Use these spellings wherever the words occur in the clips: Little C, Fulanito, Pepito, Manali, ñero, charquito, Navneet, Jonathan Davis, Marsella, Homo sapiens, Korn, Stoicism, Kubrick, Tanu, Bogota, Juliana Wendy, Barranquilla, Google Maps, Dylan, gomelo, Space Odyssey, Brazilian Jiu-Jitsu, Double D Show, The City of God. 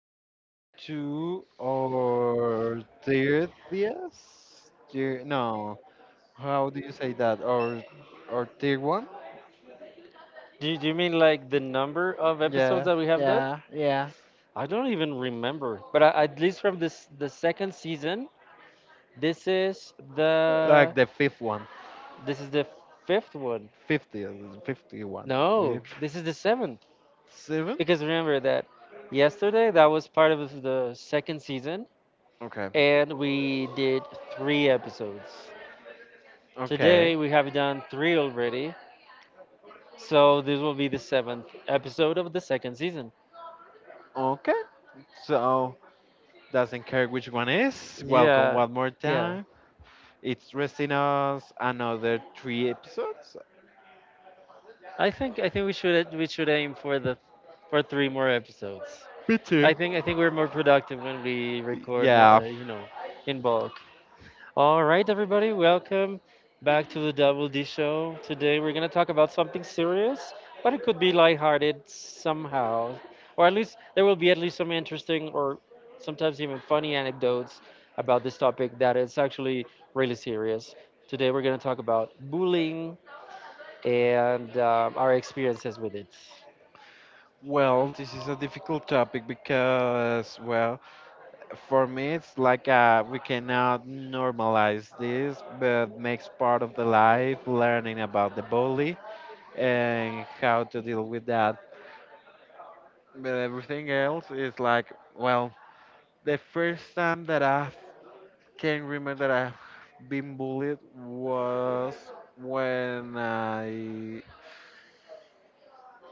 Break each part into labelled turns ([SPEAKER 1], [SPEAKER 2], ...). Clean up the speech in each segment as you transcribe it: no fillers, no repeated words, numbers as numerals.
[SPEAKER 1] welcome to our 30th year. No, how do you say that? Or tier one?
[SPEAKER 2] Do you mean like the number of episodes
[SPEAKER 1] Yeah,
[SPEAKER 2] that we have done?
[SPEAKER 1] yeah, yeah.
[SPEAKER 2] I don't even remember. But at least from this the second season, this is
[SPEAKER 1] Like
[SPEAKER 2] the
[SPEAKER 1] the fifth one.
[SPEAKER 2] this is the fifth one.
[SPEAKER 1] 50th, 51. eh,
[SPEAKER 2] No, this is the seventh.
[SPEAKER 1] Seven?
[SPEAKER 2] Because remember that yesterday that was part of the second season,
[SPEAKER 1] Okay,
[SPEAKER 2] and we did three episodes.
[SPEAKER 1] okay,
[SPEAKER 2] Today we have done three already, so this will be the seventh episode of the second season.
[SPEAKER 1] okay. So, doesn't care which one is. Welcome
[SPEAKER 2] Yeah,
[SPEAKER 1] one more
[SPEAKER 2] yeah.
[SPEAKER 1] time. It's resting us another three episodes.
[SPEAKER 2] I think we should aim for the for three more episodes.
[SPEAKER 1] Me too.
[SPEAKER 2] I think we're more productive when we record more,
[SPEAKER 1] Yeah,
[SPEAKER 2] in bulk. All right, everybody, welcome back to the Double D Show. Today we're gonna talk about something serious, but it could be lighthearted somehow, or at least there will be at least some interesting or sometimes even funny anecdotes about this topic that is actually really serious. Today we're gonna talk about bullying and our experiences with it.
[SPEAKER 1] well, this is a difficult topic because, well, for me, it's like we cannot normalize this, but makes part of the life, learning about the bully and how to deal with that. But everything else is like, well, the first time that I can remember that I've been bullied was when I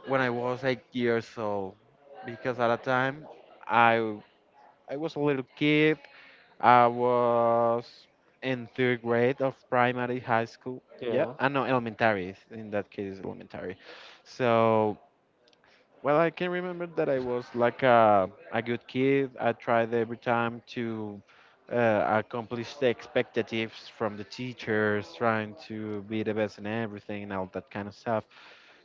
[SPEAKER 1] when I was 8 years old, because at a time I I was a little kid I was in third grade of primary high school. Yeah,
[SPEAKER 2] Yeah,
[SPEAKER 1] I know elementary. In that case, elementary. So, well, I can remember that I was like a good kid. I tried every time to accomplish the expectatives from the teachers, trying to be the best in everything and all that kind of stuff.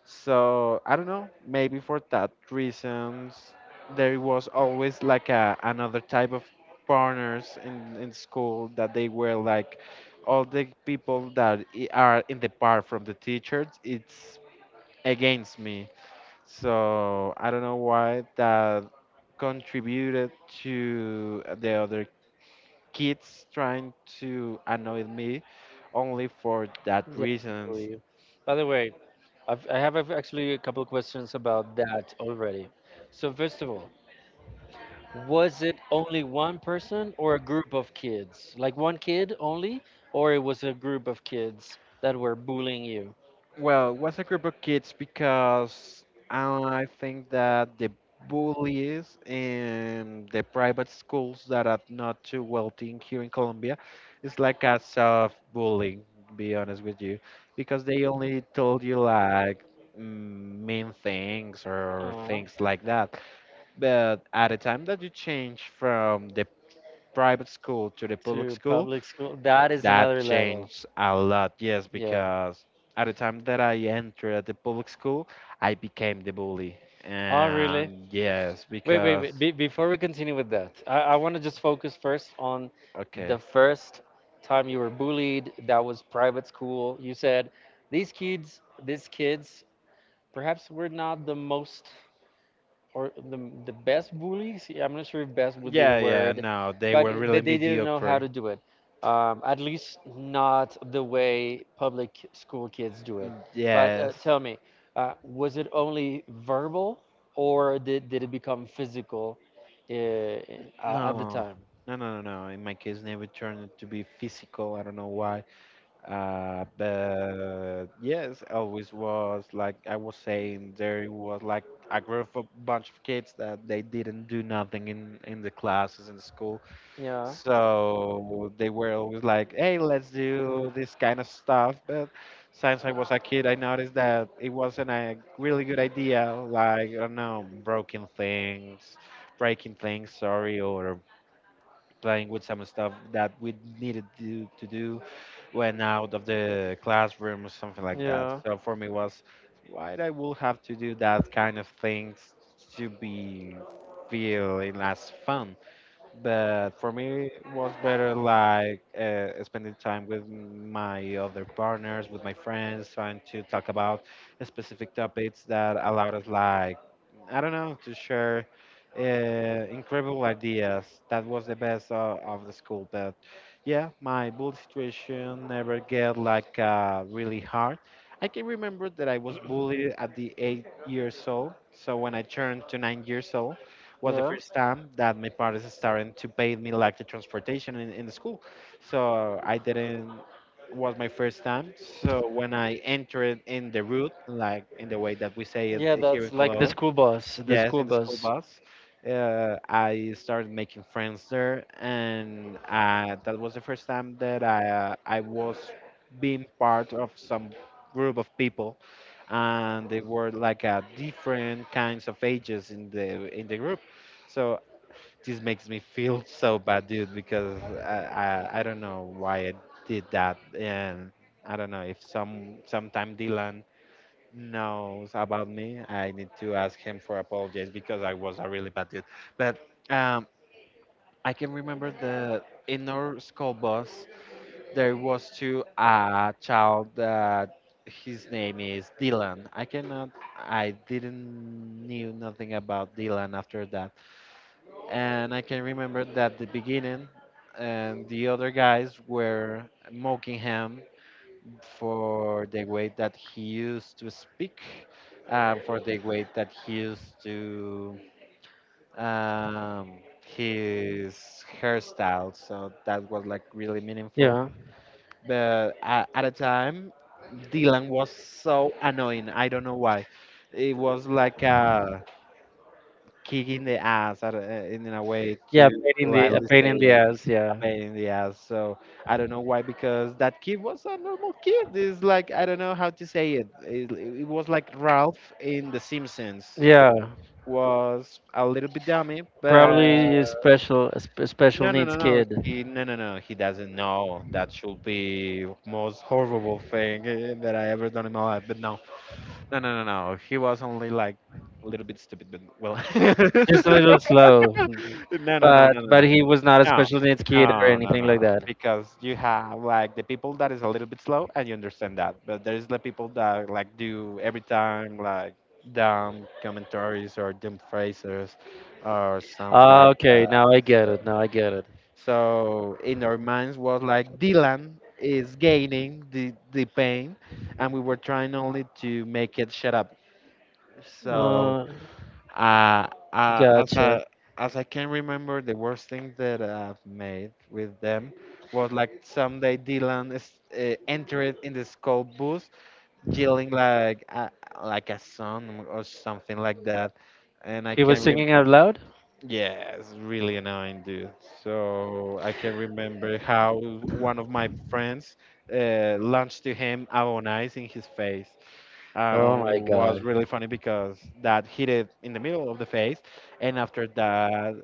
[SPEAKER 1] So I don't know. Maybe for that reasons, there was always like a, another type of partners in school that they were like all the people that are in the part from the teachers. It's against me. So I don't know why that contributed to the other kids trying to annoy me only for that
[SPEAKER 2] yeah, I
[SPEAKER 1] reasons.
[SPEAKER 2] believe. By the way, I've, I have a- actually a couple questions about that already. So first of all, was it only one person or a group of kids? Like one kid only, or it was a group of kids that were bullying you?
[SPEAKER 1] Well, was a group of kids because I think that the bullies in the private schools that are not too wealthy here in Colombia is like a soft bullying, to be honest with you, because they only told you like mm, mean things or
[SPEAKER 2] Uh,
[SPEAKER 1] things like that. But at the time that you change from the private school to the public
[SPEAKER 2] to
[SPEAKER 1] school,
[SPEAKER 2] public school. That is
[SPEAKER 1] that
[SPEAKER 2] another level.
[SPEAKER 1] changed a lot, yes,
[SPEAKER 2] Yeah.
[SPEAKER 1] because at the time that I entered the public school, I became the bully.
[SPEAKER 2] Oh, really?
[SPEAKER 1] And yes,
[SPEAKER 2] Wait, wait,
[SPEAKER 1] because.
[SPEAKER 2] wait. Before we continue with that, I want to just focus first on the
[SPEAKER 1] Okay.
[SPEAKER 2] first time you were bullied. That was private school. You said these kids, perhaps were not the most or the best bullies. Yeah, I'm not sure if best would be the
[SPEAKER 1] Yeah, yeah,
[SPEAKER 2] word,
[SPEAKER 1] no, they
[SPEAKER 2] but
[SPEAKER 1] were really
[SPEAKER 2] that they didn't know how
[SPEAKER 1] mediocre.
[SPEAKER 2] to do it, at least not the way public school kids do it.
[SPEAKER 1] Mm,
[SPEAKER 2] But
[SPEAKER 1] yes.
[SPEAKER 2] tell me, was it only verbal or did it become physical, uh, uh, at the
[SPEAKER 1] No.
[SPEAKER 2] time?
[SPEAKER 1] No, no, no, no. In my case, never turned to be physical. I don't know why. But yes, always was like I was saying, there was like a group of bunch of kids that they didn't do nothing in the classes in school.
[SPEAKER 2] Yeah,
[SPEAKER 1] So they were always like, hey, let's do this kind of stuff. But since I was a kid, I noticed that it wasn't a really good idea. Like, I don't know, broken things, breaking things, sorry, or playing with some stuff that we needed to do when out of the classroom or something like that.
[SPEAKER 2] yeah,
[SPEAKER 1] So for me was why I will have to do that kind of things to be feeling as fun. But for me, it was better like spending time with my other partners, with my friends, trying to talk about specific topics that allowed us, like, I don't know, to share incredible ideas. That was the best of the school. But yeah, my bully situation never get like really hard. I can remember that I was bullied at the 8 years old. So when I turned to 9 years old, was the
[SPEAKER 2] yeah,
[SPEAKER 1] first time that my parents started to pay me like the transportation in the school. So I didn't was my first time. So when I entered in the route, like in the way that we say it
[SPEAKER 2] yeah,
[SPEAKER 1] here in
[SPEAKER 2] that's like the
[SPEAKER 1] Colombia,
[SPEAKER 2] school bus, the
[SPEAKER 1] yes,
[SPEAKER 2] school
[SPEAKER 1] in the school
[SPEAKER 2] bus
[SPEAKER 1] bus. I started making friends there, and that was the first time that I was being part of some group of people, and they were like different kinds of ages in the group. So this makes me feel so bad, dude, because I don't know why I did that, and I don't know if sometime Dylan knows about me, I need to ask him for apologies because I was a really bad dude. But um, I can remember the in our school bus there was to a child that his name is Dylan. I cannot, I didn't knew nothing about Dylan after that, and I can remember that the beginning and the other guys were mocking him for the way that he used to speak, for the way that he used to um, his hairstyle. So that was like really meaningful.
[SPEAKER 2] Yeah,
[SPEAKER 1] But at a time, Dylan was so annoying. I don't know why. It was like a kick in the ass, in a way
[SPEAKER 2] yeah,
[SPEAKER 1] to
[SPEAKER 2] pain in the a
[SPEAKER 1] politely
[SPEAKER 2] pain
[SPEAKER 1] say
[SPEAKER 2] in the
[SPEAKER 1] it
[SPEAKER 2] ass, yeah.
[SPEAKER 1] pain in the ass. So I don't know why, because that kid was a normal kid. It's like I don't know how to say it. It was like Ralph in The Simpsons.
[SPEAKER 2] Yeah,
[SPEAKER 1] Was a little bit dummy, but
[SPEAKER 2] probably a special, a special
[SPEAKER 1] no, no,
[SPEAKER 2] needs
[SPEAKER 1] no, no.
[SPEAKER 2] kid.
[SPEAKER 1] He no, no, no. He doesn't know. That should be most horrible thing that I ever done in my life. But no, no, no, no, no. He was only like a little bit stupid, but well. No,
[SPEAKER 2] Just a little slow,
[SPEAKER 1] no, no, no, no,
[SPEAKER 2] but he was not a
[SPEAKER 1] no,
[SPEAKER 2] special needs kid or
[SPEAKER 1] no, no,
[SPEAKER 2] anything
[SPEAKER 1] no.
[SPEAKER 2] like that.
[SPEAKER 1] Because you have like the people that is a little bit slow, and you understand that. But there is the people that like do every time like dumb commentaries or dumb phrases or something
[SPEAKER 2] Ah,
[SPEAKER 1] like
[SPEAKER 2] okay,
[SPEAKER 1] that.
[SPEAKER 2] now I get it. Now I get it.
[SPEAKER 1] So in our minds was like Dylan is gaining the pain, and we were trying only to make it shut up. So
[SPEAKER 2] Uh,
[SPEAKER 1] uh, uh, as
[SPEAKER 2] Gotcha.
[SPEAKER 1] I as I can remember, the worst thing that I've made with them was like someday Dylan is, entered in the school bus yelling like a son or something like that, and I
[SPEAKER 2] He was
[SPEAKER 1] can rem
[SPEAKER 2] singing out loud.
[SPEAKER 1] yeah, it's really annoying, dude. So I can remember how one of my friends launched to him avon ice in his face
[SPEAKER 2] Oh my
[SPEAKER 1] was
[SPEAKER 2] god.
[SPEAKER 1] really funny because that hit it in the middle of the face, and after that,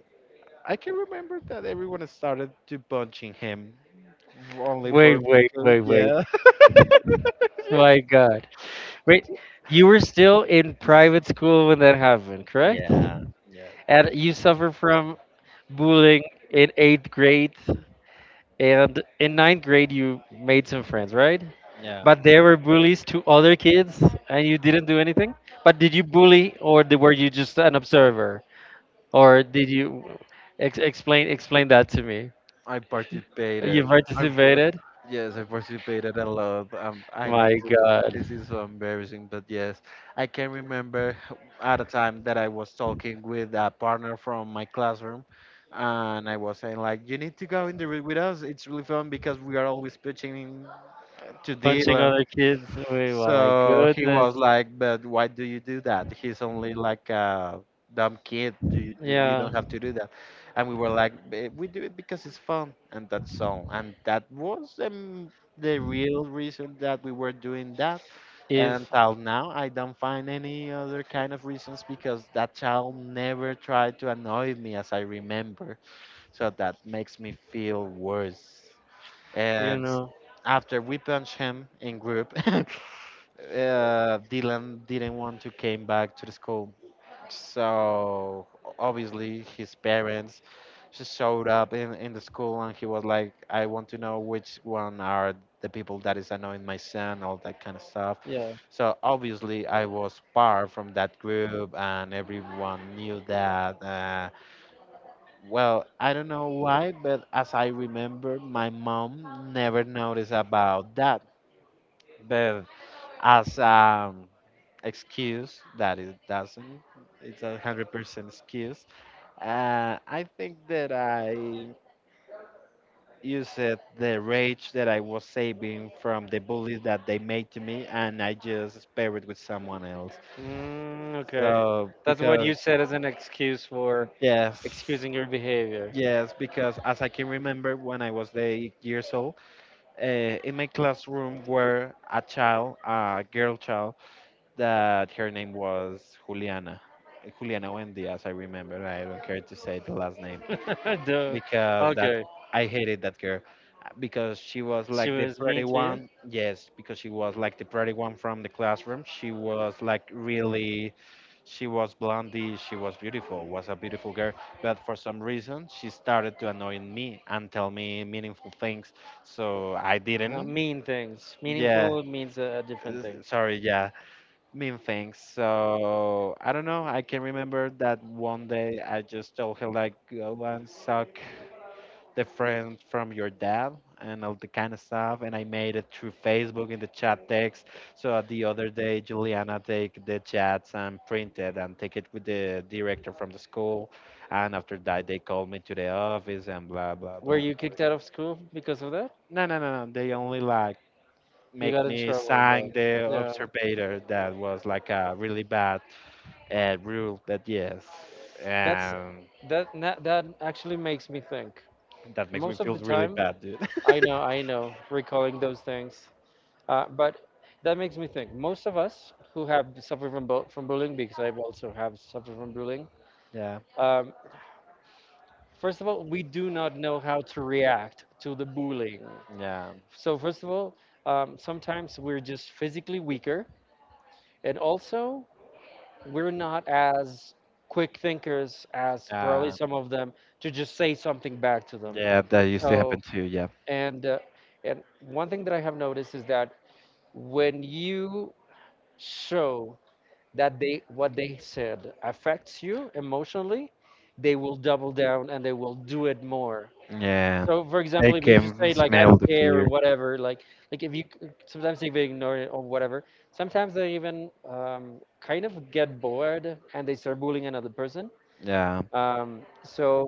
[SPEAKER 1] I can remember that everyone started to punching him, only
[SPEAKER 2] Wait,
[SPEAKER 1] for
[SPEAKER 2] wait,
[SPEAKER 1] because
[SPEAKER 2] wait, wait.
[SPEAKER 1] yeah, yes,
[SPEAKER 2] My god. Wait, you were still in private school when that happened, correct?
[SPEAKER 1] yeah. Yeah.
[SPEAKER 2] And you suffer from bullying in eighth grade. And in ninth grade, you made some friends, right?
[SPEAKER 1] Yeah.
[SPEAKER 2] But there were bullies to other kids, and you didn't do anything. But did you bully, or were you just an observer, or did you explain that to me?
[SPEAKER 1] I
[SPEAKER 2] You
[SPEAKER 1] participated. I par-
[SPEAKER 2] participated?
[SPEAKER 1] yes, I participated a lot. I need
[SPEAKER 2] My God.
[SPEAKER 1] This is so embarrassing, but yes, I can remember at a time that I was talking with a partner from my classroom, and I was saying like, "You need to go in the room with us. It's really fun because we are always pitching in to
[SPEAKER 2] Punching
[SPEAKER 1] deal."
[SPEAKER 2] other kids. Wait, oh my
[SPEAKER 1] So he
[SPEAKER 2] goodness.
[SPEAKER 1] was like, "But why do you do that? He's only like a dumb kid. You
[SPEAKER 2] Yeah.
[SPEAKER 1] don't have to do that." And we were like, "Eh, we do it because it's fun, and that's all." And that was the real reason that we were doing that. And
[SPEAKER 2] If
[SPEAKER 1] till now, I don't find any other kind of reasons because that child never tried to annoy me, as I remember. So that makes me feel worse.
[SPEAKER 2] you
[SPEAKER 1] And
[SPEAKER 2] know.
[SPEAKER 1] after we punch him in group Dylan didn't want to came back to the school, so obviously his parents just showed up in the school and he was like, "I want to know which one are the people that is annoying my son, all that kind of stuff."
[SPEAKER 2] Yeah.
[SPEAKER 1] So obviously I was part from that group and everyone knew that. Well, I don't know why, but as I remember, my mom never noticed about that. But as excuse that it doesn't it's 100% excuse I think that I used it, the rage that I was saving from the bullies that they made to me and I just spare it with someone else
[SPEAKER 2] Mm, okay.
[SPEAKER 1] so
[SPEAKER 2] That's what
[SPEAKER 1] because
[SPEAKER 2] you said as an excuse for
[SPEAKER 1] yes.
[SPEAKER 2] excusing your behavior.
[SPEAKER 1] Yes, because as I can remember when I was 8 years old, uh, in my classroom were a child, a girl child, that her name was Juliana. Juliana Wendy, as I remember. I don't care to say the last name
[SPEAKER 2] Duh.
[SPEAKER 1] because that
[SPEAKER 2] Okay.
[SPEAKER 1] I hated that girl because she was
[SPEAKER 2] She
[SPEAKER 1] like the
[SPEAKER 2] was
[SPEAKER 1] pretty
[SPEAKER 2] mean to you?
[SPEAKER 1] one. Yes, because she was like the pretty one from the classroom. She was like really, she was blondie. She was beautiful. Was a beautiful girl, but for some reason she started to annoy me and tell me meaningful things. So I
[SPEAKER 2] No,
[SPEAKER 1] didn't.
[SPEAKER 2] mean things.
[SPEAKER 1] Yeah,
[SPEAKER 2] Meaningful means a different thing.
[SPEAKER 1] sorry. Yeah, mean things. So I don't know. I can remember that one day I just told her like go and suck the friend from your dad and all the kind of stuff and I made it through Facebook in the chat text. So the other day Juliana take the chats and printed and take it with the director from the school and after that they called me to the office and blah blah
[SPEAKER 2] Were
[SPEAKER 1] blah.
[SPEAKER 2] you kicked out of school because of that?
[SPEAKER 1] No, no, no, no. They only like
[SPEAKER 2] You
[SPEAKER 1] make
[SPEAKER 2] got in
[SPEAKER 1] me
[SPEAKER 2] trouble,
[SPEAKER 1] sign
[SPEAKER 2] but
[SPEAKER 1] the
[SPEAKER 2] yeah.
[SPEAKER 1] observator that was like a really bad rule that yes,
[SPEAKER 2] That's
[SPEAKER 1] um,
[SPEAKER 2] that actually makes me think.
[SPEAKER 1] that makes me
[SPEAKER 2] Most of
[SPEAKER 1] feel
[SPEAKER 2] the
[SPEAKER 1] really
[SPEAKER 2] time,
[SPEAKER 1] bad, dude.
[SPEAKER 2] I know, recalling those things. But that makes me think. Most of us who have suffered from bullying, because I also have suffered from bullying.
[SPEAKER 1] Yeah,
[SPEAKER 2] Um, First of all, we do not know how to react to the bullying.
[SPEAKER 1] yeah,
[SPEAKER 2] So first of all, sometimes we're just physically weaker, and also we're not as quick thinkers as probably
[SPEAKER 1] uh,
[SPEAKER 2] some of them, to just say something back to them.
[SPEAKER 1] yeah. That used to happen
[SPEAKER 2] So,
[SPEAKER 1] too. Yeah,
[SPEAKER 2] and uh, and one thing that I have noticed is that when you show that they what they said affects you emotionally, they will double down and they will do it more.
[SPEAKER 1] yeah.
[SPEAKER 2] So, for
[SPEAKER 1] They
[SPEAKER 2] example, if you just
[SPEAKER 1] can
[SPEAKER 2] say like I
[SPEAKER 1] smell
[SPEAKER 2] don't
[SPEAKER 1] the
[SPEAKER 2] care
[SPEAKER 1] fear.
[SPEAKER 2] or whatever, like, if you, sometimes they ignore it or whatever. Sometimes they even kind of get bored and they start bullying another person.
[SPEAKER 1] Yeah,
[SPEAKER 2] So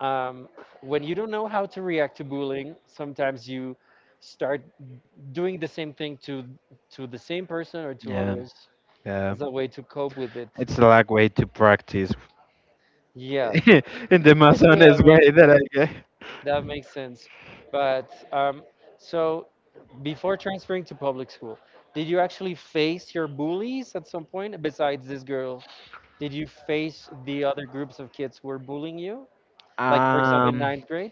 [SPEAKER 2] um, when you don't know how to react to bullying, sometimes you start doing the same thing to the same person or to
[SPEAKER 1] yeah,
[SPEAKER 2] others
[SPEAKER 1] yeah.
[SPEAKER 2] as a way to cope with it.
[SPEAKER 1] It's a like way to practice
[SPEAKER 2] Yeah,
[SPEAKER 1] in the
[SPEAKER 2] I
[SPEAKER 1] most
[SPEAKER 2] see, that
[SPEAKER 1] honest
[SPEAKER 2] makes
[SPEAKER 1] way that
[SPEAKER 2] sense.
[SPEAKER 1] I
[SPEAKER 2] That makes sense. But so before transferring to public school, did you actually face your bullies at some point besides this girl? Did you face the other groups of kids who were bullying you?
[SPEAKER 1] get.
[SPEAKER 2] Like, for example, in ninth grade,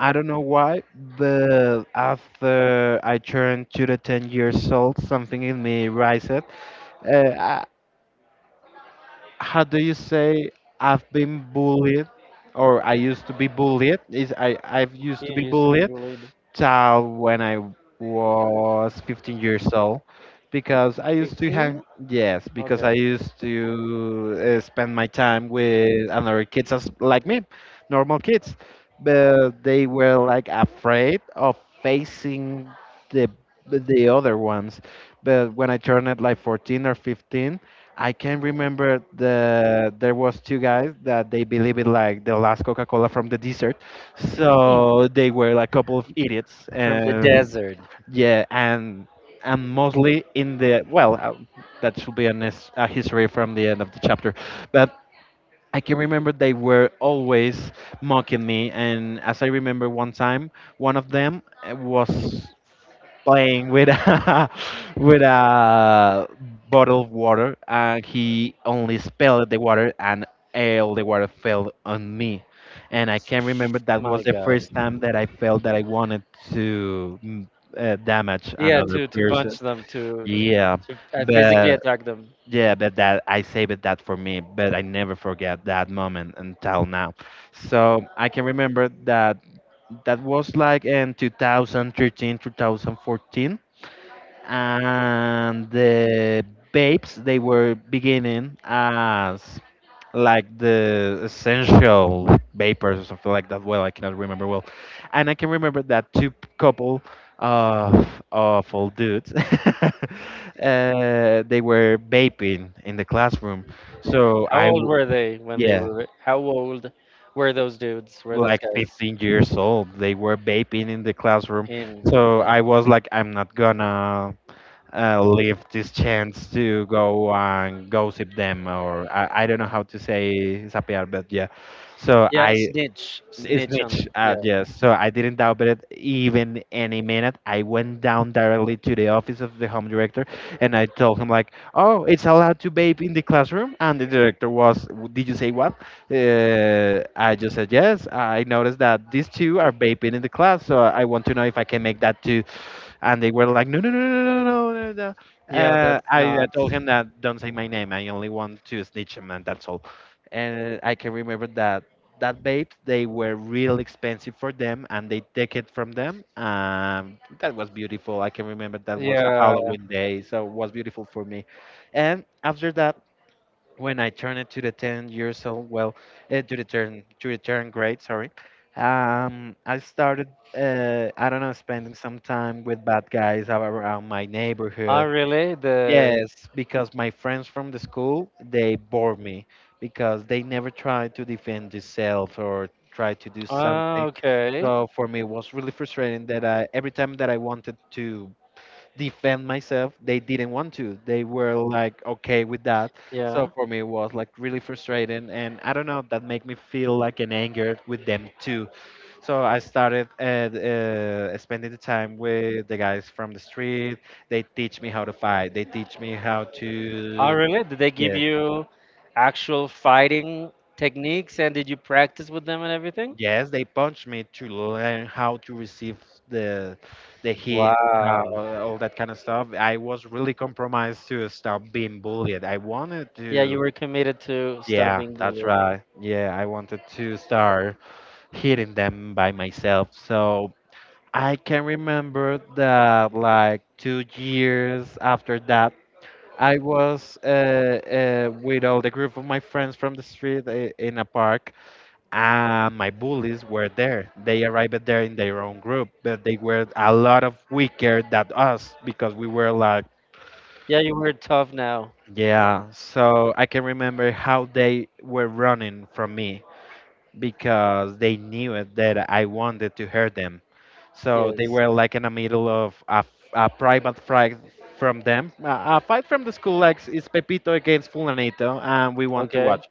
[SPEAKER 1] I don't know why, but after I turned to the 10 years old, something in me rises. Uh, I- how do you say I've been bullied, or I used to be bullied? Is I've used to
[SPEAKER 2] you
[SPEAKER 1] be
[SPEAKER 2] used to be
[SPEAKER 1] bullied
[SPEAKER 2] bullied.
[SPEAKER 1] child when I was 15 years old because I used to hang,
[SPEAKER 2] 15?
[SPEAKER 1] yes, because
[SPEAKER 2] Okay.
[SPEAKER 1] I used to spend my time with other kids as, like me, normal kids. But they were like afraid of facing the the other ones. But when I turned it like 14 or 15, I can remember there was two guys that they believe it like the last Coca-Cola from the desert, so they were like a couple of idiots,
[SPEAKER 2] From the
[SPEAKER 1] and
[SPEAKER 2] desert.
[SPEAKER 1] yeah, and mostly in the that should be an, a history from the end of the chapter, but I can remember they were always mocking me, and as I remember one time, one of them was playing with a, with a bottle of water, and he only spilled the water, and all the water fell on me. And I can remember that was
[SPEAKER 2] My
[SPEAKER 1] the
[SPEAKER 2] God.
[SPEAKER 1] first time that I felt that I wanted to damage
[SPEAKER 2] Yeah,
[SPEAKER 1] another
[SPEAKER 2] to punch
[SPEAKER 1] person.
[SPEAKER 2] them,
[SPEAKER 1] Yeah,
[SPEAKER 2] to physically
[SPEAKER 1] but
[SPEAKER 2] attack them.
[SPEAKER 1] yeah, but that I saved that for me, but I never forget that moment until now. So I can remember that that was like in 2013, 2014, and the babes they were beginning as like the essential vapors or something like that. Well, I cannot remember well, and I can remember that couple of awful dudes they were vaping in the classroom, so
[SPEAKER 2] How old were they when they
[SPEAKER 1] yeah,
[SPEAKER 2] were? How old were those dudes? Were those
[SPEAKER 1] like
[SPEAKER 2] guys?
[SPEAKER 1] 15 years old, they were vaping in the classroom.
[SPEAKER 2] In.
[SPEAKER 1] So
[SPEAKER 2] Yeah,
[SPEAKER 1] I was like, I'm not gonna leave this chance to go and gossip them, or I don't know how to say sapear, but yeah, so
[SPEAKER 2] yeah,
[SPEAKER 1] I,
[SPEAKER 2] snitch,
[SPEAKER 1] it's
[SPEAKER 2] snitch on
[SPEAKER 1] niche,
[SPEAKER 2] the, yeah.
[SPEAKER 1] yes, so I didn't doubt it even any minute. I went down directly to the office of the home director, and I told him like, oh, it's allowed to vape in the classroom? And the director was, did you say what? I just said, yes, I noticed that these two are vaping in the class, so I want to know if I can make that to. And they were like, no, no, no, no, no, no, no, no, no.
[SPEAKER 2] Yeah, that's
[SPEAKER 1] I
[SPEAKER 2] not,
[SPEAKER 1] told him that don't say my name. I only want to snitch him, and that's all. And I can remember that that vapes they were real expensive for them, and they take it from them. That was beautiful. I can remember that was a
[SPEAKER 2] yeah.
[SPEAKER 1] Halloween day, so it was beautiful for me. And after that, when I turned it to the 10 years old, well, to the turn grade, sorry, I started, I don't know, spending some time with bad guys around my
[SPEAKER 2] Ah,
[SPEAKER 1] neighborhood.
[SPEAKER 2] really, the.
[SPEAKER 1] Yes, because my friends from the school, they bore me because they never tried to defend themselves or try to do
[SPEAKER 2] Ah,
[SPEAKER 1] something.
[SPEAKER 2] okay,
[SPEAKER 1] So for me, it was really frustrating that I, every time that I wanted to defend myself, they didn't want to. They were like okay with that. So
[SPEAKER 2] yeah.
[SPEAKER 1] for me it was like really frustrating, and I don't know, that made me feel like an anger with them too. So I started spending the time with the guys from the street. They teach me how to fight, they teach me how
[SPEAKER 2] Ah,
[SPEAKER 1] to,
[SPEAKER 2] really, did they give
[SPEAKER 1] yeah,
[SPEAKER 2] you actual fighting techniques, and did you practice with them and everything?
[SPEAKER 1] yes, they punch me to learn how to receive the the hit.
[SPEAKER 2] Wow.
[SPEAKER 1] uh, all that kind of stuff. I was really compromised to stop being bullied. I wanted
[SPEAKER 2] Yeah, you
[SPEAKER 1] to,
[SPEAKER 2] were committed to stop
[SPEAKER 1] yeah,
[SPEAKER 2] being
[SPEAKER 1] that's
[SPEAKER 2] bullied.
[SPEAKER 1] right. Yeah, I wanted to start hitting them by myself. So I can remember that, like, 2 years after that, I was with all the group of my friends from the street in a park, and my bullies were there. They arrived there in their own group, but they were a lot of weaker than us because we were like,
[SPEAKER 2] Yeah, you were tough now.
[SPEAKER 1] yeah. So I can remember how they were running from me because they knew it, that I wanted to hurt them. So they
[SPEAKER 2] Yes.
[SPEAKER 1] were like in the middle of a, a private fight from them, a fight from the school. Like it's Pepito against Fulanito, and we want to
[SPEAKER 2] Okay.
[SPEAKER 1] watch.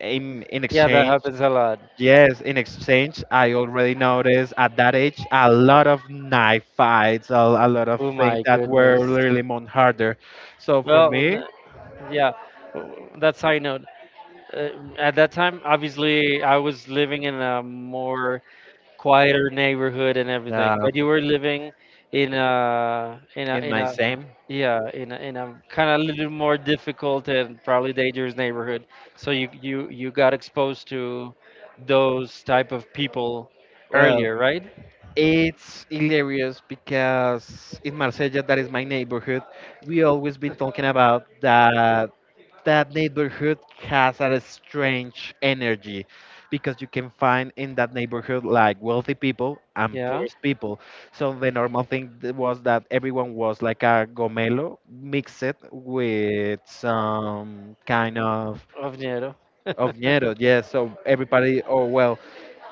[SPEAKER 1] In
[SPEAKER 2] Yeah, that
[SPEAKER 1] exchange,
[SPEAKER 2] happens a lot.
[SPEAKER 1] yes, in exchange, I already noticed at that age a lot of knife fights, a lot of
[SPEAKER 2] Oh
[SPEAKER 1] things
[SPEAKER 2] my
[SPEAKER 1] that
[SPEAKER 2] goodness.
[SPEAKER 1] were really much harder. So for
[SPEAKER 2] Well,
[SPEAKER 1] me,
[SPEAKER 2] yeah, that's how I know. uh, at that time, obviously, I was living in a more quieter neighborhood and everything,
[SPEAKER 1] uh,
[SPEAKER 2] but you were living in a in a
[SPEAKER 1] in
[SPEAKER 2] in
[SPEAKER 1] my
[SPEAKER 2] a
[SPEAKER 1] same.
[SPEAKER 2] yeah kind of a little more difficult and probably dangerous neighborhood. So you got exposed to those type of people
[SPEAKER 1] Well,
[SPEAKER 2] earlier, right?
[SPEAKER 1] it's hilarious because in Marsella, that is my neighborhood, we always been talking about that, that neighborhood has a strange energy because you can find in that neighborhood like wealthy people and
[SPEAKER 2] Yeah,
[SPEAKER 1] poor people. So the normal thing was that everyone was like a gomelo mixed with some kind
[SPEAKER 2] of dinero.
[SPEAKER 1] of ñero. Yes, so everybody, oh well,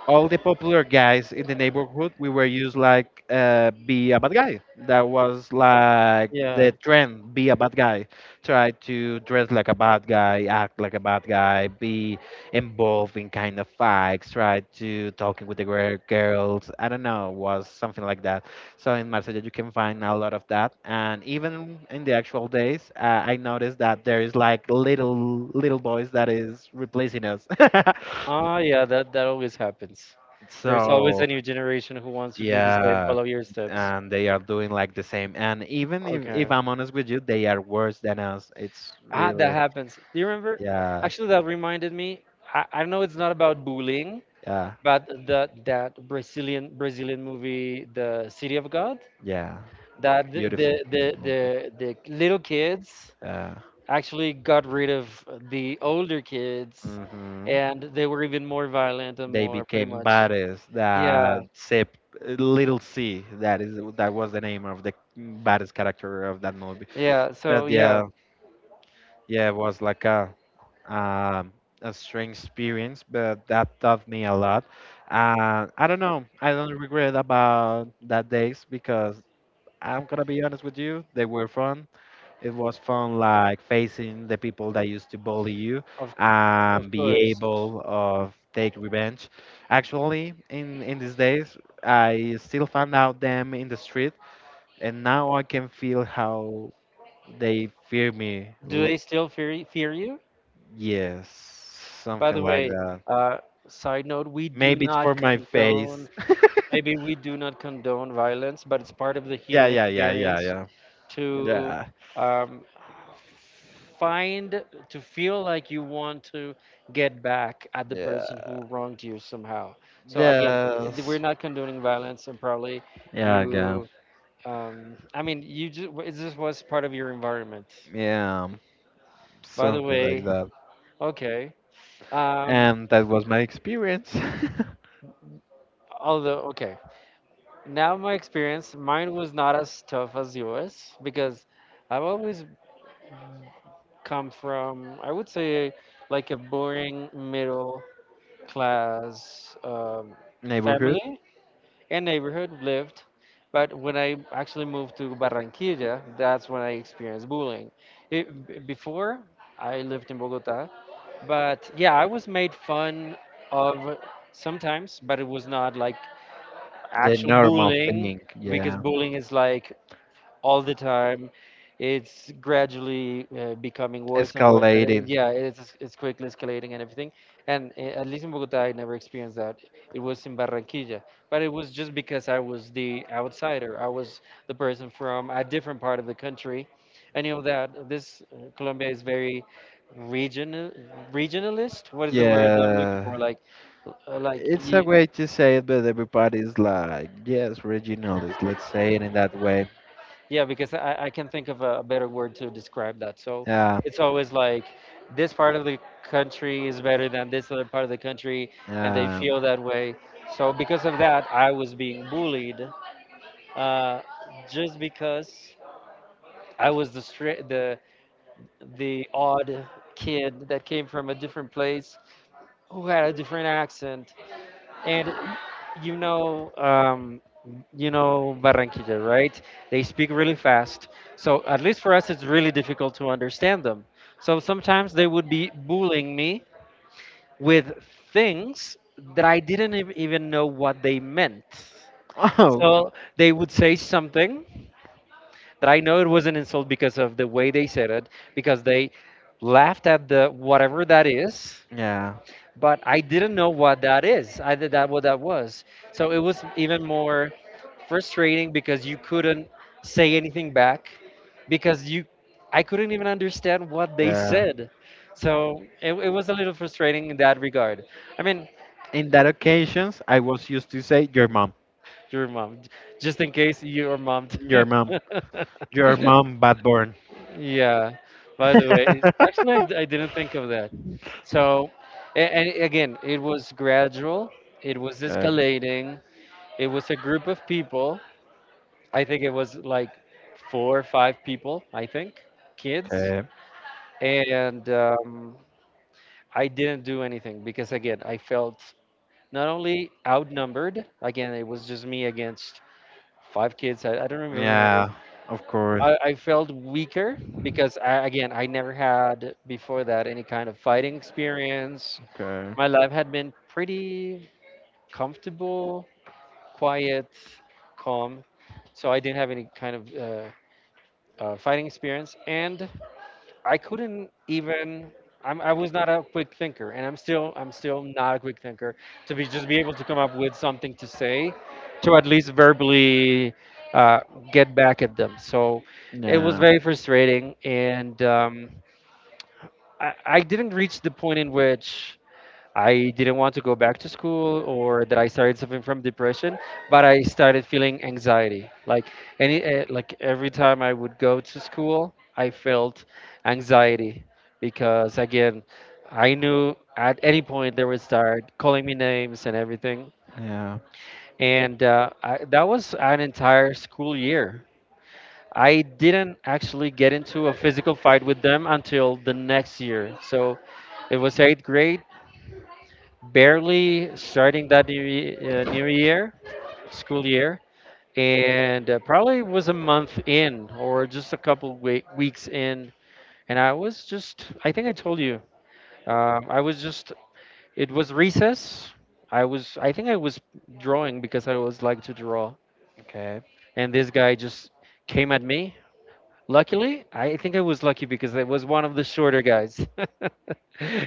[SPEAKER 1] all the popular guys in the neighborhood, we were used like be a bad guy. That was like
[SPEAKER 2] Yeah.
[SPEAKER 1] the trend: be a bad guy, try to dress like a bad guy, act like a bad guy, be involved in kind of fights, try to talking with the girls. I don't know, was something like that. So in Marsella, you can find a lot of that, and even in the actual days, I noticed that there is like little boys that is replacing us.
[SPEAKER 2] Ah, yeah, that always happens. There's always
[SPEAKER 1] So.
[SPEAKER 2] a new generation who wants to do the same,
[SPEAKER 1] Yeah,
[SPEAKER 2] follow your steps.
[SPEAKER 1] and they are doing like the same. And even if
[SPEAKER 2] Okay.
[SPEAKER 1] I'm honest with you, they are worse than us. It's
[SPEAKER 2] Ah, that
[SPEAKER 1] really,
[SPEAKER 2] happens. Do you remember?
[SPEAKER 1] yeah,
[SPEAKER 2] Actually, that reminded me. I know it's not about bullying,
[SPEAKER 1] yeah,
[SPEAKER 2] but the that Brazilian movie, The City of God,
[SPEAKER 1] yeah.
[SPEAKER 2] that
[SPEAKER 1] Beautiful, beautiful. But,
[SPEAKER 2] the little kids
[SPEAKER 1] uh,
[SPEAKER 2] actually got rid of the older kids,
[SPEAKER 1] hmm.
[SPEAKER 2] and they were even more violent and
[SPEAKER 1] They
[SPEAKER 2] more, pretty
[SPEAKER 1] became
[SPEAKER 2] much.
[SPEAKER 1] baddest.
[SPEAKER 2] Yeah,
[SPEAKER 1] That Sip, Little C, that is, that was the name of the baddest character of that movie.
[SPEAKER 2] yeah.
[SPEAKER 1] But
[SPEAKER 2] So yeah,
[SPEAKER 1] yeah, yeah, it was like um, a strange experience, but that taught me a lot. I don't know. I don't regret about that days because I'm gonna be honest with you. They were fun. It was fun, like facing the people that used to bully you,
[SPEAKER 2] of of
[SPEAKER 1] and be
[SPEAKER 2] course.
[SPEAKER 1] able of take revenge. Actually, in these days, I still find out them in the street, and now I can feel how they fear me.
[SPEAKER 2] Do
[SPEAKER 1] L-
[SPEAKER 2] they still fear fear you?
[SPEAKER 1] yes,
[SPEAKER 2] By
[SPEAKER 1] something
[SPEAKER 2] the
[SPEAKER 1] like
[SPEAKER 2] way,
[SPEAKER 1] that.
[SPEAKER 2] uh, side note, we do
[SPEAKER 1] Maybe it's for
[SPEAKER 2] not
[SPEAKER 1] my face.
[SPEAKER 2] condone. Maybe we do not condone violence, but it's part of the
[SPEAKER 1] Yeah,
[SPEAKER 2] human
[SPEAKER 1] yeah, yeah, yeah,
[SPEAKER 2] experience
[SPEAKER 1] yeah.
[SPEAKER 2] to
[SPEAKER 1] Yeah.
[SPEAKER 2] um, find, feel like you want to get back at the person
[SPEAKER 1] Yeah.
[SPEAKER 2] who wronged you somehow. So again,
[SPEAKER 1] Yes.
[SPEAKER 2] we're not condoning violence, and probably
[SPEAKER 1] Yeah, yeah.
[SPEAKER 2] you, I mean, you just, this was part of your environment.
[SPEAKER 1] Yeah.
[SPEAKER 2] By the
[SPEAKER 1] Something like
[SPEAKER 2] way,
[SPEAKER 1] that.
[SPEAKER 2] okay. Um,
[SPEAKER 1] And that was my experience.
[SPEAKER 2] Although, okay. Now my experience, mine was not as tough as yours because I've always come from, I would say, like a boring middle class,
[SPEAKER 1] Neighborhood.
[SPEAKER 2] family and neighborhood lived. But when I actually moved to Barranquilla, that's when I experienced bullying. Before, I lived in Bogota, but yeah, I was made fun of sometimes, but it was not like
[SPEAKER 1] The
[SPEAKER 2] actual
[SPEAKER 1] normal
[SPEAKER 2] bullying
[SPEAKER 1] thing,
[SPEAKER 2] because
[SPEAKER 1] yeah.
[SPEAKER 2] bullying is like all the time. It's gradually becoming worse and worse. And,
[SPEAKER 1] Escalating.
[SPEAKER 2] yeah, it's quickly escalating and everything. And at least in Bogota, I never experienced that. It was in Barranquilla, but it was just because I was the outsider. I was the person from a different part of the country. I knew that this, Colombia, is very regional, regionalist. What is the word I'm looking
[SPEAKER 1] Yeah,
[SPEAKER 2] for? Like
[SPEAKER 1] it's a
[SPEAKER 2] you.
[SPEAKER 1] way to say it, but everybody's like, yes, regionalist, let's say it in that way.
[SPEAKER 2] Yeah, because I can think of a better word to describe that. So
[SPEAKER 1] Yeah,
[SPEAKER 2] it's always like this part of the country is better than this other part of the country, and they
[SPEAKER 1] yeah.
[SPEAKER 2] feel that way. So because of that, I was being bullied, uh, just because I was the stra- the odd kid that came from a different place who had a different accent and, you know, um, you know Barranquilla, right? They speak really fast. So at least for us, it's really difficult to understand them. So sometimes they would be bullying me with things that I didn't even know what they meant.
[SPEAKER 1] Oh,
[SPEAKER 2] So they would say something that I know it was an insult because of the way they said it, because they laughed at the whatever that is,
[SPEAKER 1] yeah,
[SPEAKER 2] but I didn't know what that is. I did that what that was. So it was even more frustrating because you couldn't say anything back because you I couldn't even understand what they
[SPEAKER 1] yeah.
[SPEAKER 2] said. So it was a little frustrating in that regard. I mean,
[SPEAKER 1] In that occasions, I was used to say your mom,
[SPEAKER 2] your mom, just in case your mom, too.
[SPEAKER 1] your mom, your mom, bad born.
[SPEAKER 2] Yeah. By the way, actually, I didn't think of that. So, and again, it was gradual. It was
[SPEAKER 1] Okay.
[SPEAKER 2] escalating. It was a group of people. I think it was like four or five people, I think, kids.
[SPEAKER 1] Okay.
[SPEAKER 2] And I didn't do anything because, again, I felt not only outnumbered, again, it was just me against five kids. I don't even remember.
[SPEAKER 1] Yeah, of course.
[SPEAKER 2] I felt weaker because, I, again, I never had before that any kind of fighting experience.
[SPEAKER 1] Okay.
[SPEAKER 2] My life had been pretty comfortable, quiet, calm, so I didn't have any kind of fighting experience, and I couldn't even. I was not a quick thinker, and I'm still not a quick thinker. To be just be able to come up with something to say, to at least verbally uh, get back at them. So it was
[SPEAKER 1] Yeah.
[SPEAKER 2] very frustrating, and I didn't reach the point in which I didn't want to go back to school or that I started suffering from depression, but I started feeling anxiety. Like like every time I would go to school, I felt anxiety because again, I knew at any point they would start calling me names and everything.
[SPEAKER 1] Yeah.
[SPEAKER 2] And that was an entire school year. I didn't actually get into a physical fight with them until the next year. So it was eighth grade barely starting that new year, school year, and probably was a month in or just a couple weeks in. And I think I told you, I was just, it was recess. I think I was drawing because I always like to draw.
[SPEAKER 1] Okay.
[SPEAKER 2] And this guy just came at me. Luckily, I think I was lucky because I was one of the shorter guys.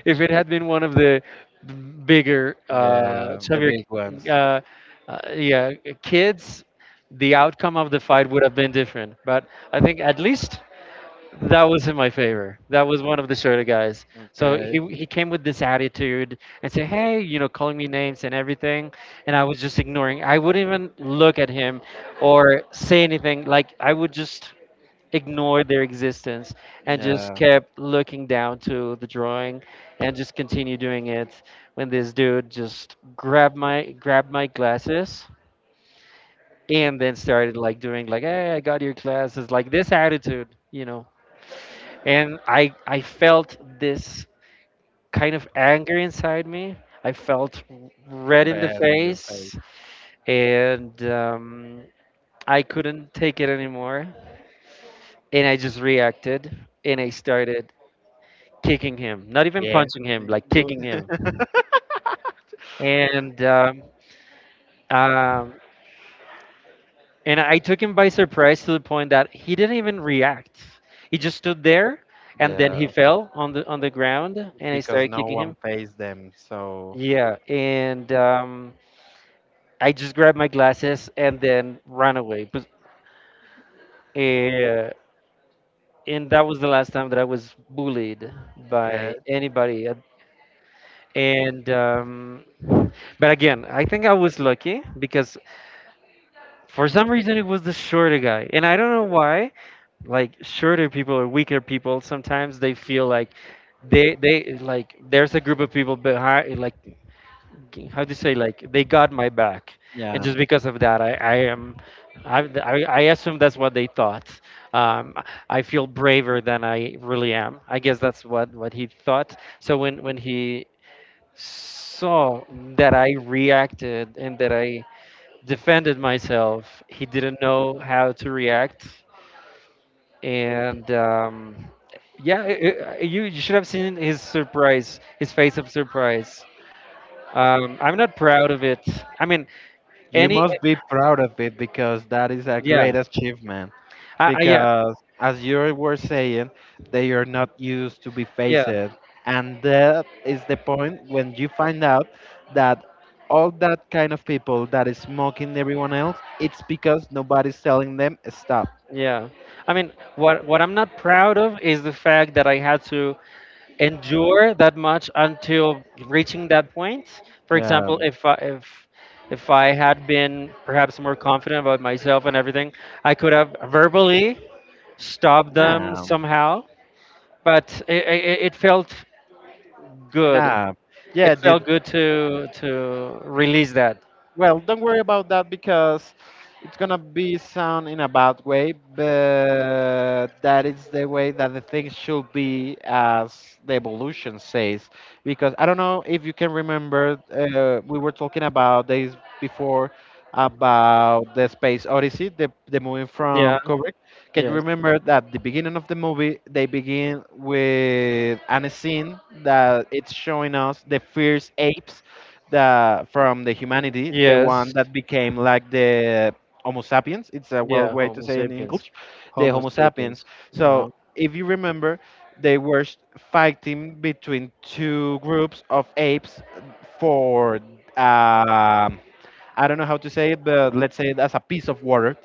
[SPEAKER 2] If it had been one of the b- bigger,
[SPEAKER 1] Yeah, the
[SPEAKER 2] chubbier,
[SPEAKER 1] big ones.
[SPEAKER 2] uh, uh, yeah, kids, the outcome of the fight would have been different. But I think at least that was in my favor. That was one of the shorter guys. So
[SPEAKER 1] Okay.
[SPEAKER 2] he came with this attitude and said, "Hey, you know, calling me names and everything," and I was just ignoring. I wouldn't even look at him or say anything. Like I would just ignored their existence and just
[SPEAKER 1] Yeah.
[SPEAKER 2] kept looking down to the drawing and just continue doing it when this dude just grabbed my glasses and then started like doing like, "Hey, I got your glasses," like this attitude, you know, and I felt this kind of anger inside me. I felt red in the
[SPEAKER 1] Red in your face.
[SPEAKER 2] face, and I couldn't take it anymore, and I just reacted, and I started kicking him, not even
[SPEAKER 1] Yeah.
[SPEAKER 2] punching him, like
[SPEAKER 1] Good.
[SPEAKER 2] kicking him. And um, um, and I took him by surprise to the point that he didn't even react. He just stood there, and then he
[SPEAKER 1] Yeah.
[SPEAKER 2] fell on the ground, and I
[SPEAKER 1] Because
[SPEAKER 2] started
[SPEAKER 1] no
[SPEAKER 2] kicking
[SPEAKER 1] one
[SPEAKER 2] him.
[SPEAKER 1] pays them, so
[SPEAKER 2] Yeah, and I just grabbed my glasses and then ran away. But uh, and that was the last time that I was bullied
[SPEAKER 1] okay.
[SPEAKER 2] by anybody. And but again, I think I was lucky because for some reason, it was the shorter guy, and I don't know why. Like shorter people or weaker people, sometimes they feel like they like there's a group of people behind, like how do you say, like they got my back, and
[SPEAKER 1] Yeah.
[SPEAKER 2] just because of that, I am. I assume that's what they thought. Um, I feel braver than I really am. I guess that's what he thought. So when he saw that I reacted and that I defended myself, he didn't know how to react, and yeah, I you you should have seen his surprise, his face of surprise. I'm not proud of it. I mean,
[SPEAKER 1] You
[SPEAKER 2] any
[SPEAKER 1] must be proud of it because that is a
[SPEAKER 2] yeah,
[SPEAKER 1] great achievement.
[SPEAKER 2] I, yeah,
[SPEAKER 1] Because as you were saying, they are not used to be faced,
[SPEAKER 2] yeah.
[SPEAKER 1] and that is the point when you find out that all that kind of people that is mocking everyone else, it's because nobody's telling them stop.
[SPEAKER 2] Yeah. I mean, what I'm not proud of is the fact that I had to endure that much until reaching that point. For example,
[SPEAKER 1] um,
[SPEAKER 2] if I had been perhaps more confident about myself and everything, I could have verbally stopped them
[SPEAKER 1] nah.
[SPEAKER 2] somehow. But it felt good.
[SPEAKER 1] Nah, yeah,
[SPEAKER 2] It
[SPEAKER 1] dude.
[SPEAKER 2] felt good to release that.
[SPEAKER 1] Well, don't worry about that because it's gonna be sound in a bad way, but that is the way that the thing should be, as the evolution says. Because I don't know if you can remember, we were talking about days before about the Space Odyssey, the movie
[SPEAKER 2] Yeah.
[SPEAKER 1] from Kubrick. Can you
[SPEAKER 2] Yes.
[SPEAKER 1] remember that the beginning of the movie they begin with an scene that it's showing us the fierce apes, the from the humanity, the one
[SPEAKER 2] Yes.
[SPEAKER 1] that became like the Homo sapiens. It's a well
[SPEAKER 2] Yeah,
[SPEAKER 1] way to
[SPEAKER 2] Homo
[SPEAKER 1] say in
[SPEAKER 2] sapiens.
[SPEAKER 1] English, the
[SPEAKER 2] Homo
[SPEAKER 1] Homo
[SPEAKER 2] sapiens.
[SPEAKER 1] sapiens.
[SPEAKER 2] Uh-huh.
[SPEAKER 1] So if you remember, they were fighting between two groups of apes for um, I don't know how to say it, but let's say it as a piece of water,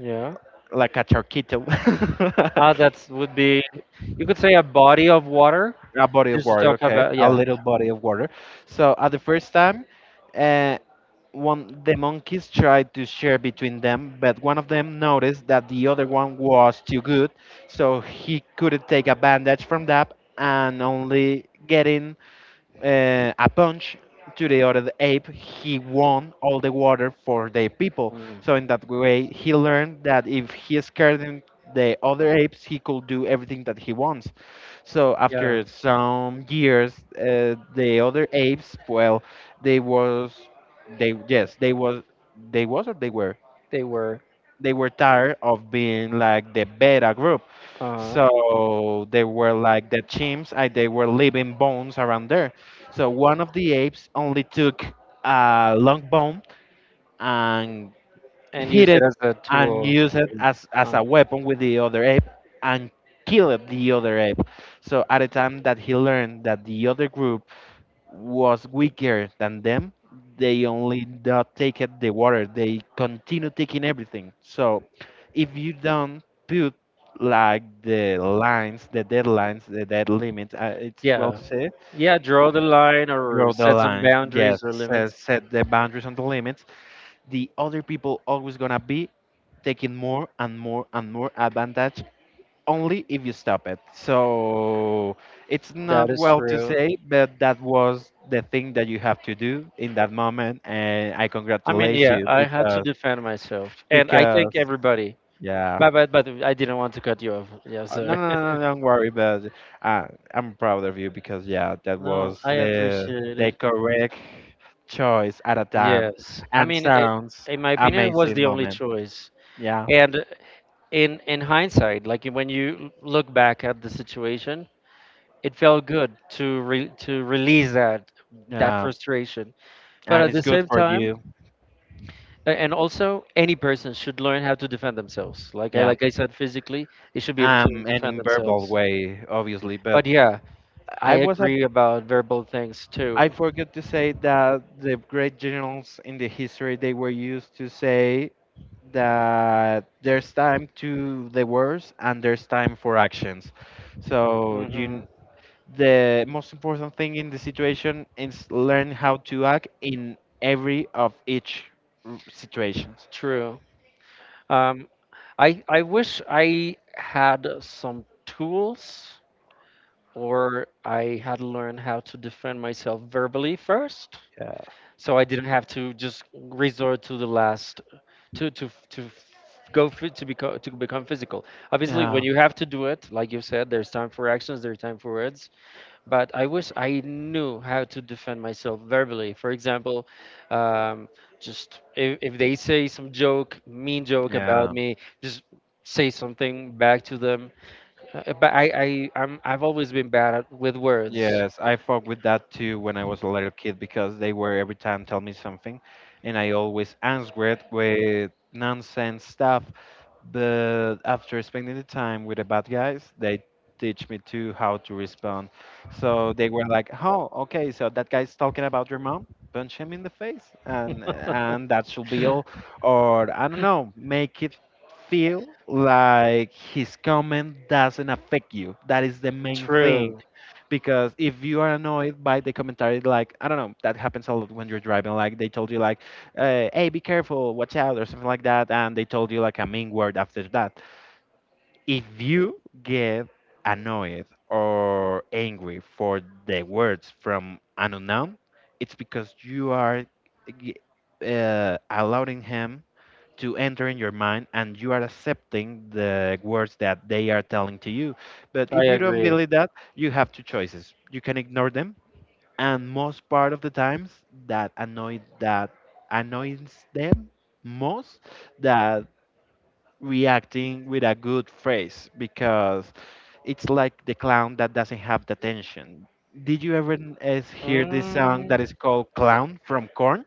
[SPEAKER 2] Yeah.
[SPEAKER 1] like a charquito.
[SPEAKER 2] Ah, that would be, you could say a body of water.
[SPEAKER 1] A body of
[SPEAKER 2] Just to
[SPEAKER 1] water,
[SPEAKER 2] talk
[SPEAKER 1] okay,
[SPEAKER 2] about,
[SPEAKER 1] a
[SPEAKER 2] yeah.
[SPEAKER 1] little body of water. So at the first time, uh, one, the monkeys tried to share between them, but one of them noticed that the other one was too good, so he couldn't take advantage from that, and only getting a punch to the other ape, he won all the water for the people.
[SPEAKER 2] Mm,
[SPEAKER 1] So in that way, he learned that if he scared him, the other apes, he could do everything that he wants. So
[SPEAKER 2] yeah,
[SPEAKER 1] after some years, the other apes, well, they was, they yes, they was, they was or they were,
[SPEAKER 2] they were.
[SPEAKER 1] they were tired of being like the beta group.
[SPEAKER 2] Uh,
[SPEAKER 1] So they were like the chimps, and they were leaving bones around there. So one of the apes only took a long bone and
[SPEAKER 2] and
[SPEAKER 1] hit
[SPEAKER 2] used it
[SPEAKER 1] it
[SPEAKER 2] as a
[SPEAKER 1] and
[SPEAKER 2] tool.
[SPEAKER 1] used it as
[SPEAKER 2] Uh,
[SPEAKER 1] a weapon with the other ape and killed the other ape. So at the time that he learned that the other group was weaker than them, they only not take it the water. They continue taking everything. So if you don't put like the lines, the deadlines, the dead limits, it's well
[SPEAKER 2] yeah.
[SPEAKER 1] to say,
[SPEAKER 2] Yeah, draw the line or
[SPEAKER 1] draw the
[SPEAKER 2] set some
[SPEAKER 1] line. Yes,
[SPEAKER 2] boundaries or
[SPEAKER 1] set,
[SPEAKER 2] limits.
[SPEAKER 1] set the boundaries and the limits. The other people always gonna be taking more and more and more advantage only if you stop it. So it's
[SPEAKER 2] That
[SPEAKER 1] not
[SPEAKER 2] is
[SPEAKER 1] well to
[SPEAKER 2] true.
[SPEAKER 1] say, but that was the thing that you have to do in that moment, and I
[SPEAKER 2] I mean,
[SPEAKER 1] congratulate
[SPEAKER 2] yeah,
[SPEAKER 1] you
[SPEAKER 2] I had to
[SPEAKER 1] because
[SPEAKER 2] defend myself. And I think
[SPEAKER 1] because
[SPEAKER 2] everybody.
[SPEAKER 1] yeah.
[SPEAKER 2] But, but I didn't want to cut you off. Yeah,
[SPEAKER 1] No,
[SPEAKER 2] sorry.
[SPEAKER 1] no, no, no, don't worry, but uh, I'm proud of you because yeah, that
[SPEAKER 2] No,
[SPEAKER 1] was
[SPEAKER 2] I appreciate
[SPEAKER 1] the
[SPEAKER 2] it.
[SPEAKER 1] correct choice at a time,
[SPEAKER 2] Yes, I
[SPEAKER 1] and
[SPEAKER 2] mean, it,
[SPEAKER 1] sounds
[SPEAKER 2] in my opinion, it was
[SPEAKER 1] amazing
[SPEAKER 2] the only
[SPEAKER 1] moment.
[SPEAKER 2] choice.
[SPEAKER 1] Yeah,
[SPEAKER 2] And in hindsight, like when you look back at the situation, it felt good to re, to release that that
[SPEAKER 1] yeah,
[SPEAKER 2] frustration. But
[SPEAKER 1] and
[SPEAKER 2] at
[SPEAKER 1] it's
[SPEAKER 2] the
[SPEAKER 1] good
[SPEAKER 2] same
[SPEAKER 1] for
[SPEAKER 2] time,
[SPEAKER 1] you.
[SPEAKER 2] and also any person should learn how to defend themselves.
[SPEAKER 1] Yeah,
[SPEAKER 2] Like I said, physically, they should be able to
[SPEAKER 1] and
[SPEAKER 2] defend
[SPEAKER 1] in verbal
[SPEAKER 2] themselves.
[SPEAKER 1] way, obviously, but
[SPEAKER 2] But yeah, I
[SPEAKER 1] I was a
[SPEAKER 2] agree about verbal things too.
[SPEAKER 1] I forget to say that the great generals in the history they were used to say that there's time to the wars and there's time for actions. So
[SPEAKER 2] Hmm.
[SPEAKER 1] the most important thing in the situation is learn how to act in every of each r- situations.
[SPEAKER 2] True. Um, I wish I had some tools or I had learned how to defend myself verbally first, so I didn't have to just resort to the last to to to f- go to become physical. Obviously,
[SPEAKER 1] Yeah.
[SPEAKER 2] when you have to do it, like you said, there's time for actions, there's time for words, but I wish I knew how to defend myself verbally. For example, um, just if they say some joke, mean joke about
[SPEAKER 1] Yeah.
[SPEAKER 2] me, just say something back to them. But I've always been bad at, with words.
[SPEAKER 1] Yes, I fuck with that too when I was a little kid because they were every time tell me something, and I always answer it with nonsense stuff. But after spending the time with the bad guys, they teach me too how to respond. So they were like, "Oh, okay, so that guy's talking about your mom." Punch him in the face, and that should be all. Or I don't know, make it feel like his comment doesn't affect you. That is the main thing
[SPEAKER 2] True,
[SPEAKER 1] because if you are annoyed by the commentary, like I don't know, that happens a lot when you're driving. Like they told you like, hey, be careful, watch out or something like that, and they told you like a mean word after that. If you get annoyed or angry for the words from an unknown, it's because you are g- allowing him to enter in your mind, and you are accepting the words that they are telling to you. But
[SPEAKER 2] I
[SPEAKER 1] if you don't
[SPEAKER 2] agree.
[SPEAKER 1] believe that, you have two choices. You can ignore them, and most part of the times that annoys them most, that reacting with a good phrase, because it's like the clown that doesn't have the attention. Did you ever n- is hear this song that is
[SPEAKER 2] Mm,
[SPEAKER 1] called Clown from Korn?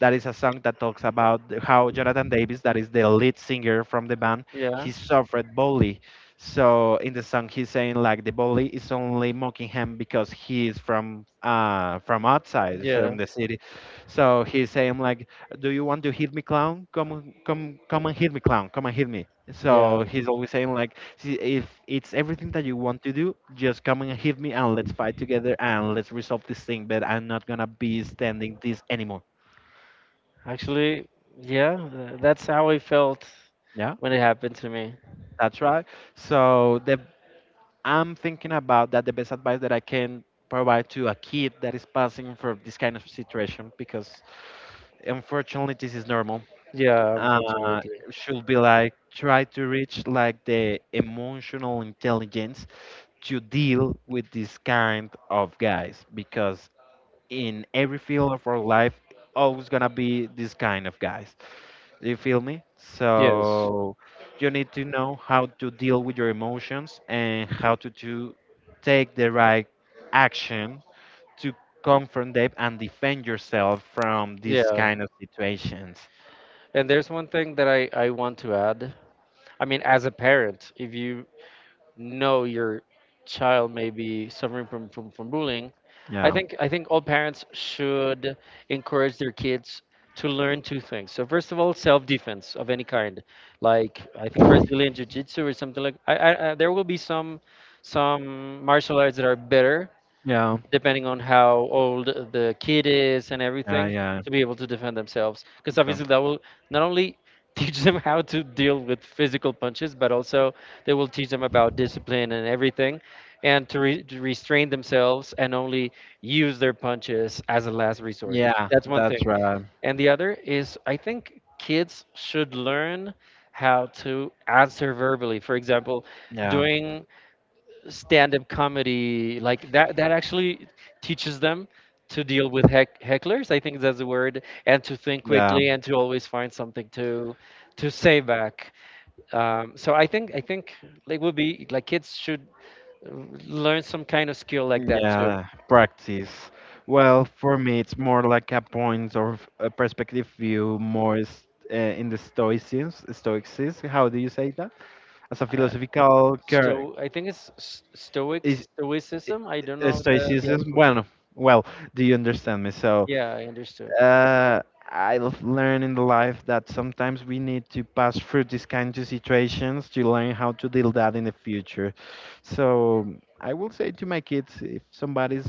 [SPEAKER 1] That is a song that talks about how Jonathan Davis, that is the lead singer from the band,
[SPEAKER 2] yeah,
[SPEAKER 1] he suffered bully. So in the song, he's saying like the bully is only mocking him because he is from outside,
[SPEAKER 2] yeah,
[SPEAKER 1] from the city. So he's saying like, "Do you want to hit me, clown? Come and hit me, clown. Come and hit me."
[SPEAKER 2] yeah.
[SPEAKER 1] So he's always saying like, "See, if it's everything that you want to do, just come and hit me, and let's fight together, and let's resolve this thing. But I'm not gonna be standing this anymore."
[SPEAKER 2] Actually, yeah, that's how I felt
[SPEAKER 1] Yeah.
[SPEAKER 2] when it happened to me.
[SPEAKER 1] That's right. So the I'm thinking about that the best advice that I can provide to a kid that is passing for this kind of situation, because unfortunately this is normal.
[SPEAKER 2] Yeah,
[SPEAKER 1] Uh,
[SPEAKER 2] unfortunately.
[SPEAKER 1] should be like try to reach like the emotional intelligence to deal with this kind of guys, because in every field of our life always gonna be this kind of guys, you feel me?
[SPEAKER 2] Yes.
[SPEAKER 1] So you need to know how to deal with your emotions, and how to take the right action to confront them and defend yourself from these
[SPEAKER 2] Yeah.
[SPEAKER 1] kind of situations.
[SPEAKER 2] And there's one thing that I want to add. I mean, as a parent, if you know your child may be suffering from, from bullying,
[SPEAKER 1] Yeah.
[SPEAKER 2] I think all parents should encourage their kids to learn two things. So first of all, self-defense of any kind, like I think Brazilian Jiu-Jitsu or something like. I There will be some martial arts that are better
[SPEAKER 1] Yeah.
[SPEAKER 2] depending on how old the kid is and
[SPEAKER 1] Yeah.
[SPEAKER 2] everything,
[SPEAKER 1] Yeah.
[SPEAKER 2] to be able to defend themselves. Because
[SPEAKER 1] Okay.
[SPEAKER 2] obviously, that will not only teach them how to deal with physical punches, but also they will teach them about discipline and everything, and to, to restrain themselves and only use their punches as a last resort.
[SPEAKER 1] Yeah,
[SPEAKER 2] That's one thing.
[SPEAKER 1] that's right.
[SPEAKER 2] And the other is, I think kids should learn how to answer verbally. For example,
[SPEAKER 1] Yeah.
[SPEAKER 2] doing stand-up comedy, like that that actually teaches them to deal with hecklers, I think that's the word, and to think
[SPEAKER 1] Yeah.
[SPEAKER 2] quickly and to always find something to say back. So I think it would be like kids should uh, learn some kind of skill like that too.
[SPEAKER 1] Yeah, practice. Well, for me, it's more like a point or a perspective view, more in the Stoicism. Stoicism. How do you say that? As a
[SPEAKER 2] Uh,
[SPEAKER 1] philosophical
[SPEAKER 2] I think it's stoic,
[SPEAKER 1] is
[SPEAKER 2] stoicism, I don't know the
[SPEAKER 1] Stoicism.
[SPEAKER 2] actual term.
[SPEAKER 1] Bueno, well, do you understand me? So,
[SPEAKER 2] Yeah, I understood.
[SPEAKER 1] uh, I've learned in the life that sometimes we need to pass through these kinds of situations to learn how to deal that in the future. So I will say to my kids, if somebody's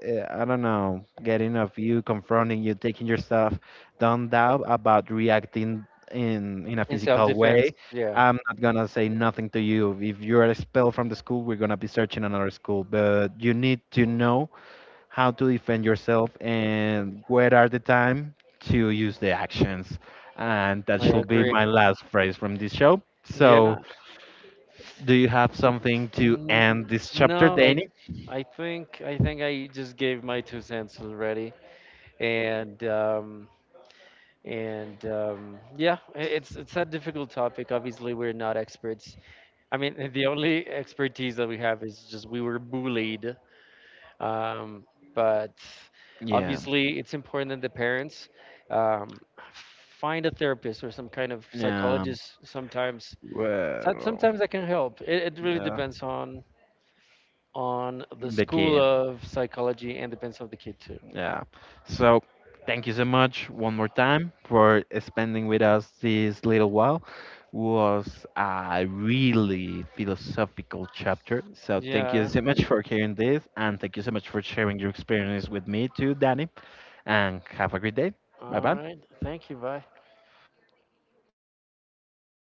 [SPEAKER 1] I don't know, getting of you, confronting you, taking your stuff. Don't doubt about reacting in a
[SPEAKER 2] In
[SPEAKER 1] physical
[SPEAKER 2] self-defense,
[SPEAKER 1] way.
[SPEAKER 2] yeah.
[SPEAKER 1] I'm not gonna say nothing to you. If you're expelled from the school, we're gonna be searching another school. But you need to know how to defend yourself and where are the time to use the actions. And that
[SPEAKER 2] I
[SPEAKER 1] should be
[SPEAKER 2] agree.
[SPEAKER 1] my last phrase from this show.
[SPEAKER 2] Yeah.
[SPEAKER 1] So, do you have something to
[SPEAKER 2] Mm,
[SPEAKER 1] end this chapter,
[SPEAKER 2] no,
[SPEAKER 1] Danny?
[SPEAKER 2] I think I just gave my two cents already, and um, and yeah, it's a difficult topic. Obviously, we're not experts. I mean, the only expertise that we have is just we were bullied. Um, but
[SPEAKER 1] Yeah.
[SPEAKER 2] obviously, it's important that the parents um, find a therapist or some kind of
[SPEAKER 1] Yeah.
[SPEAKER 2] psychologist. Sometimes,
[SPEAKER 1] Well,
[SPEAKER 2] sometimes that can help. It really
[SPEAKER 1] yeah,
[SPEAKER 2] depends on the
[SPEAKER 1] the
[SPEAKER 2] School
[SPEAKER 1] kid.
[SPEAKER 2] of Psychology and Depends of the Kid, too.
[SPEAKER 1] Yeah. So, thank you so much one more time for spending with us this little while. Was a really philosophical chapter. So, thank you
[SPEAKER 2] Yeah.
[SPEAKER 1] so much for hearing this, and thank you so much for sharing your experience with me too, Danny. And have a great day. Bye
[SPEAKER 2] All
[SPEAKER 1] bye.
[SPEAKER 2] right. Thank you. Bye.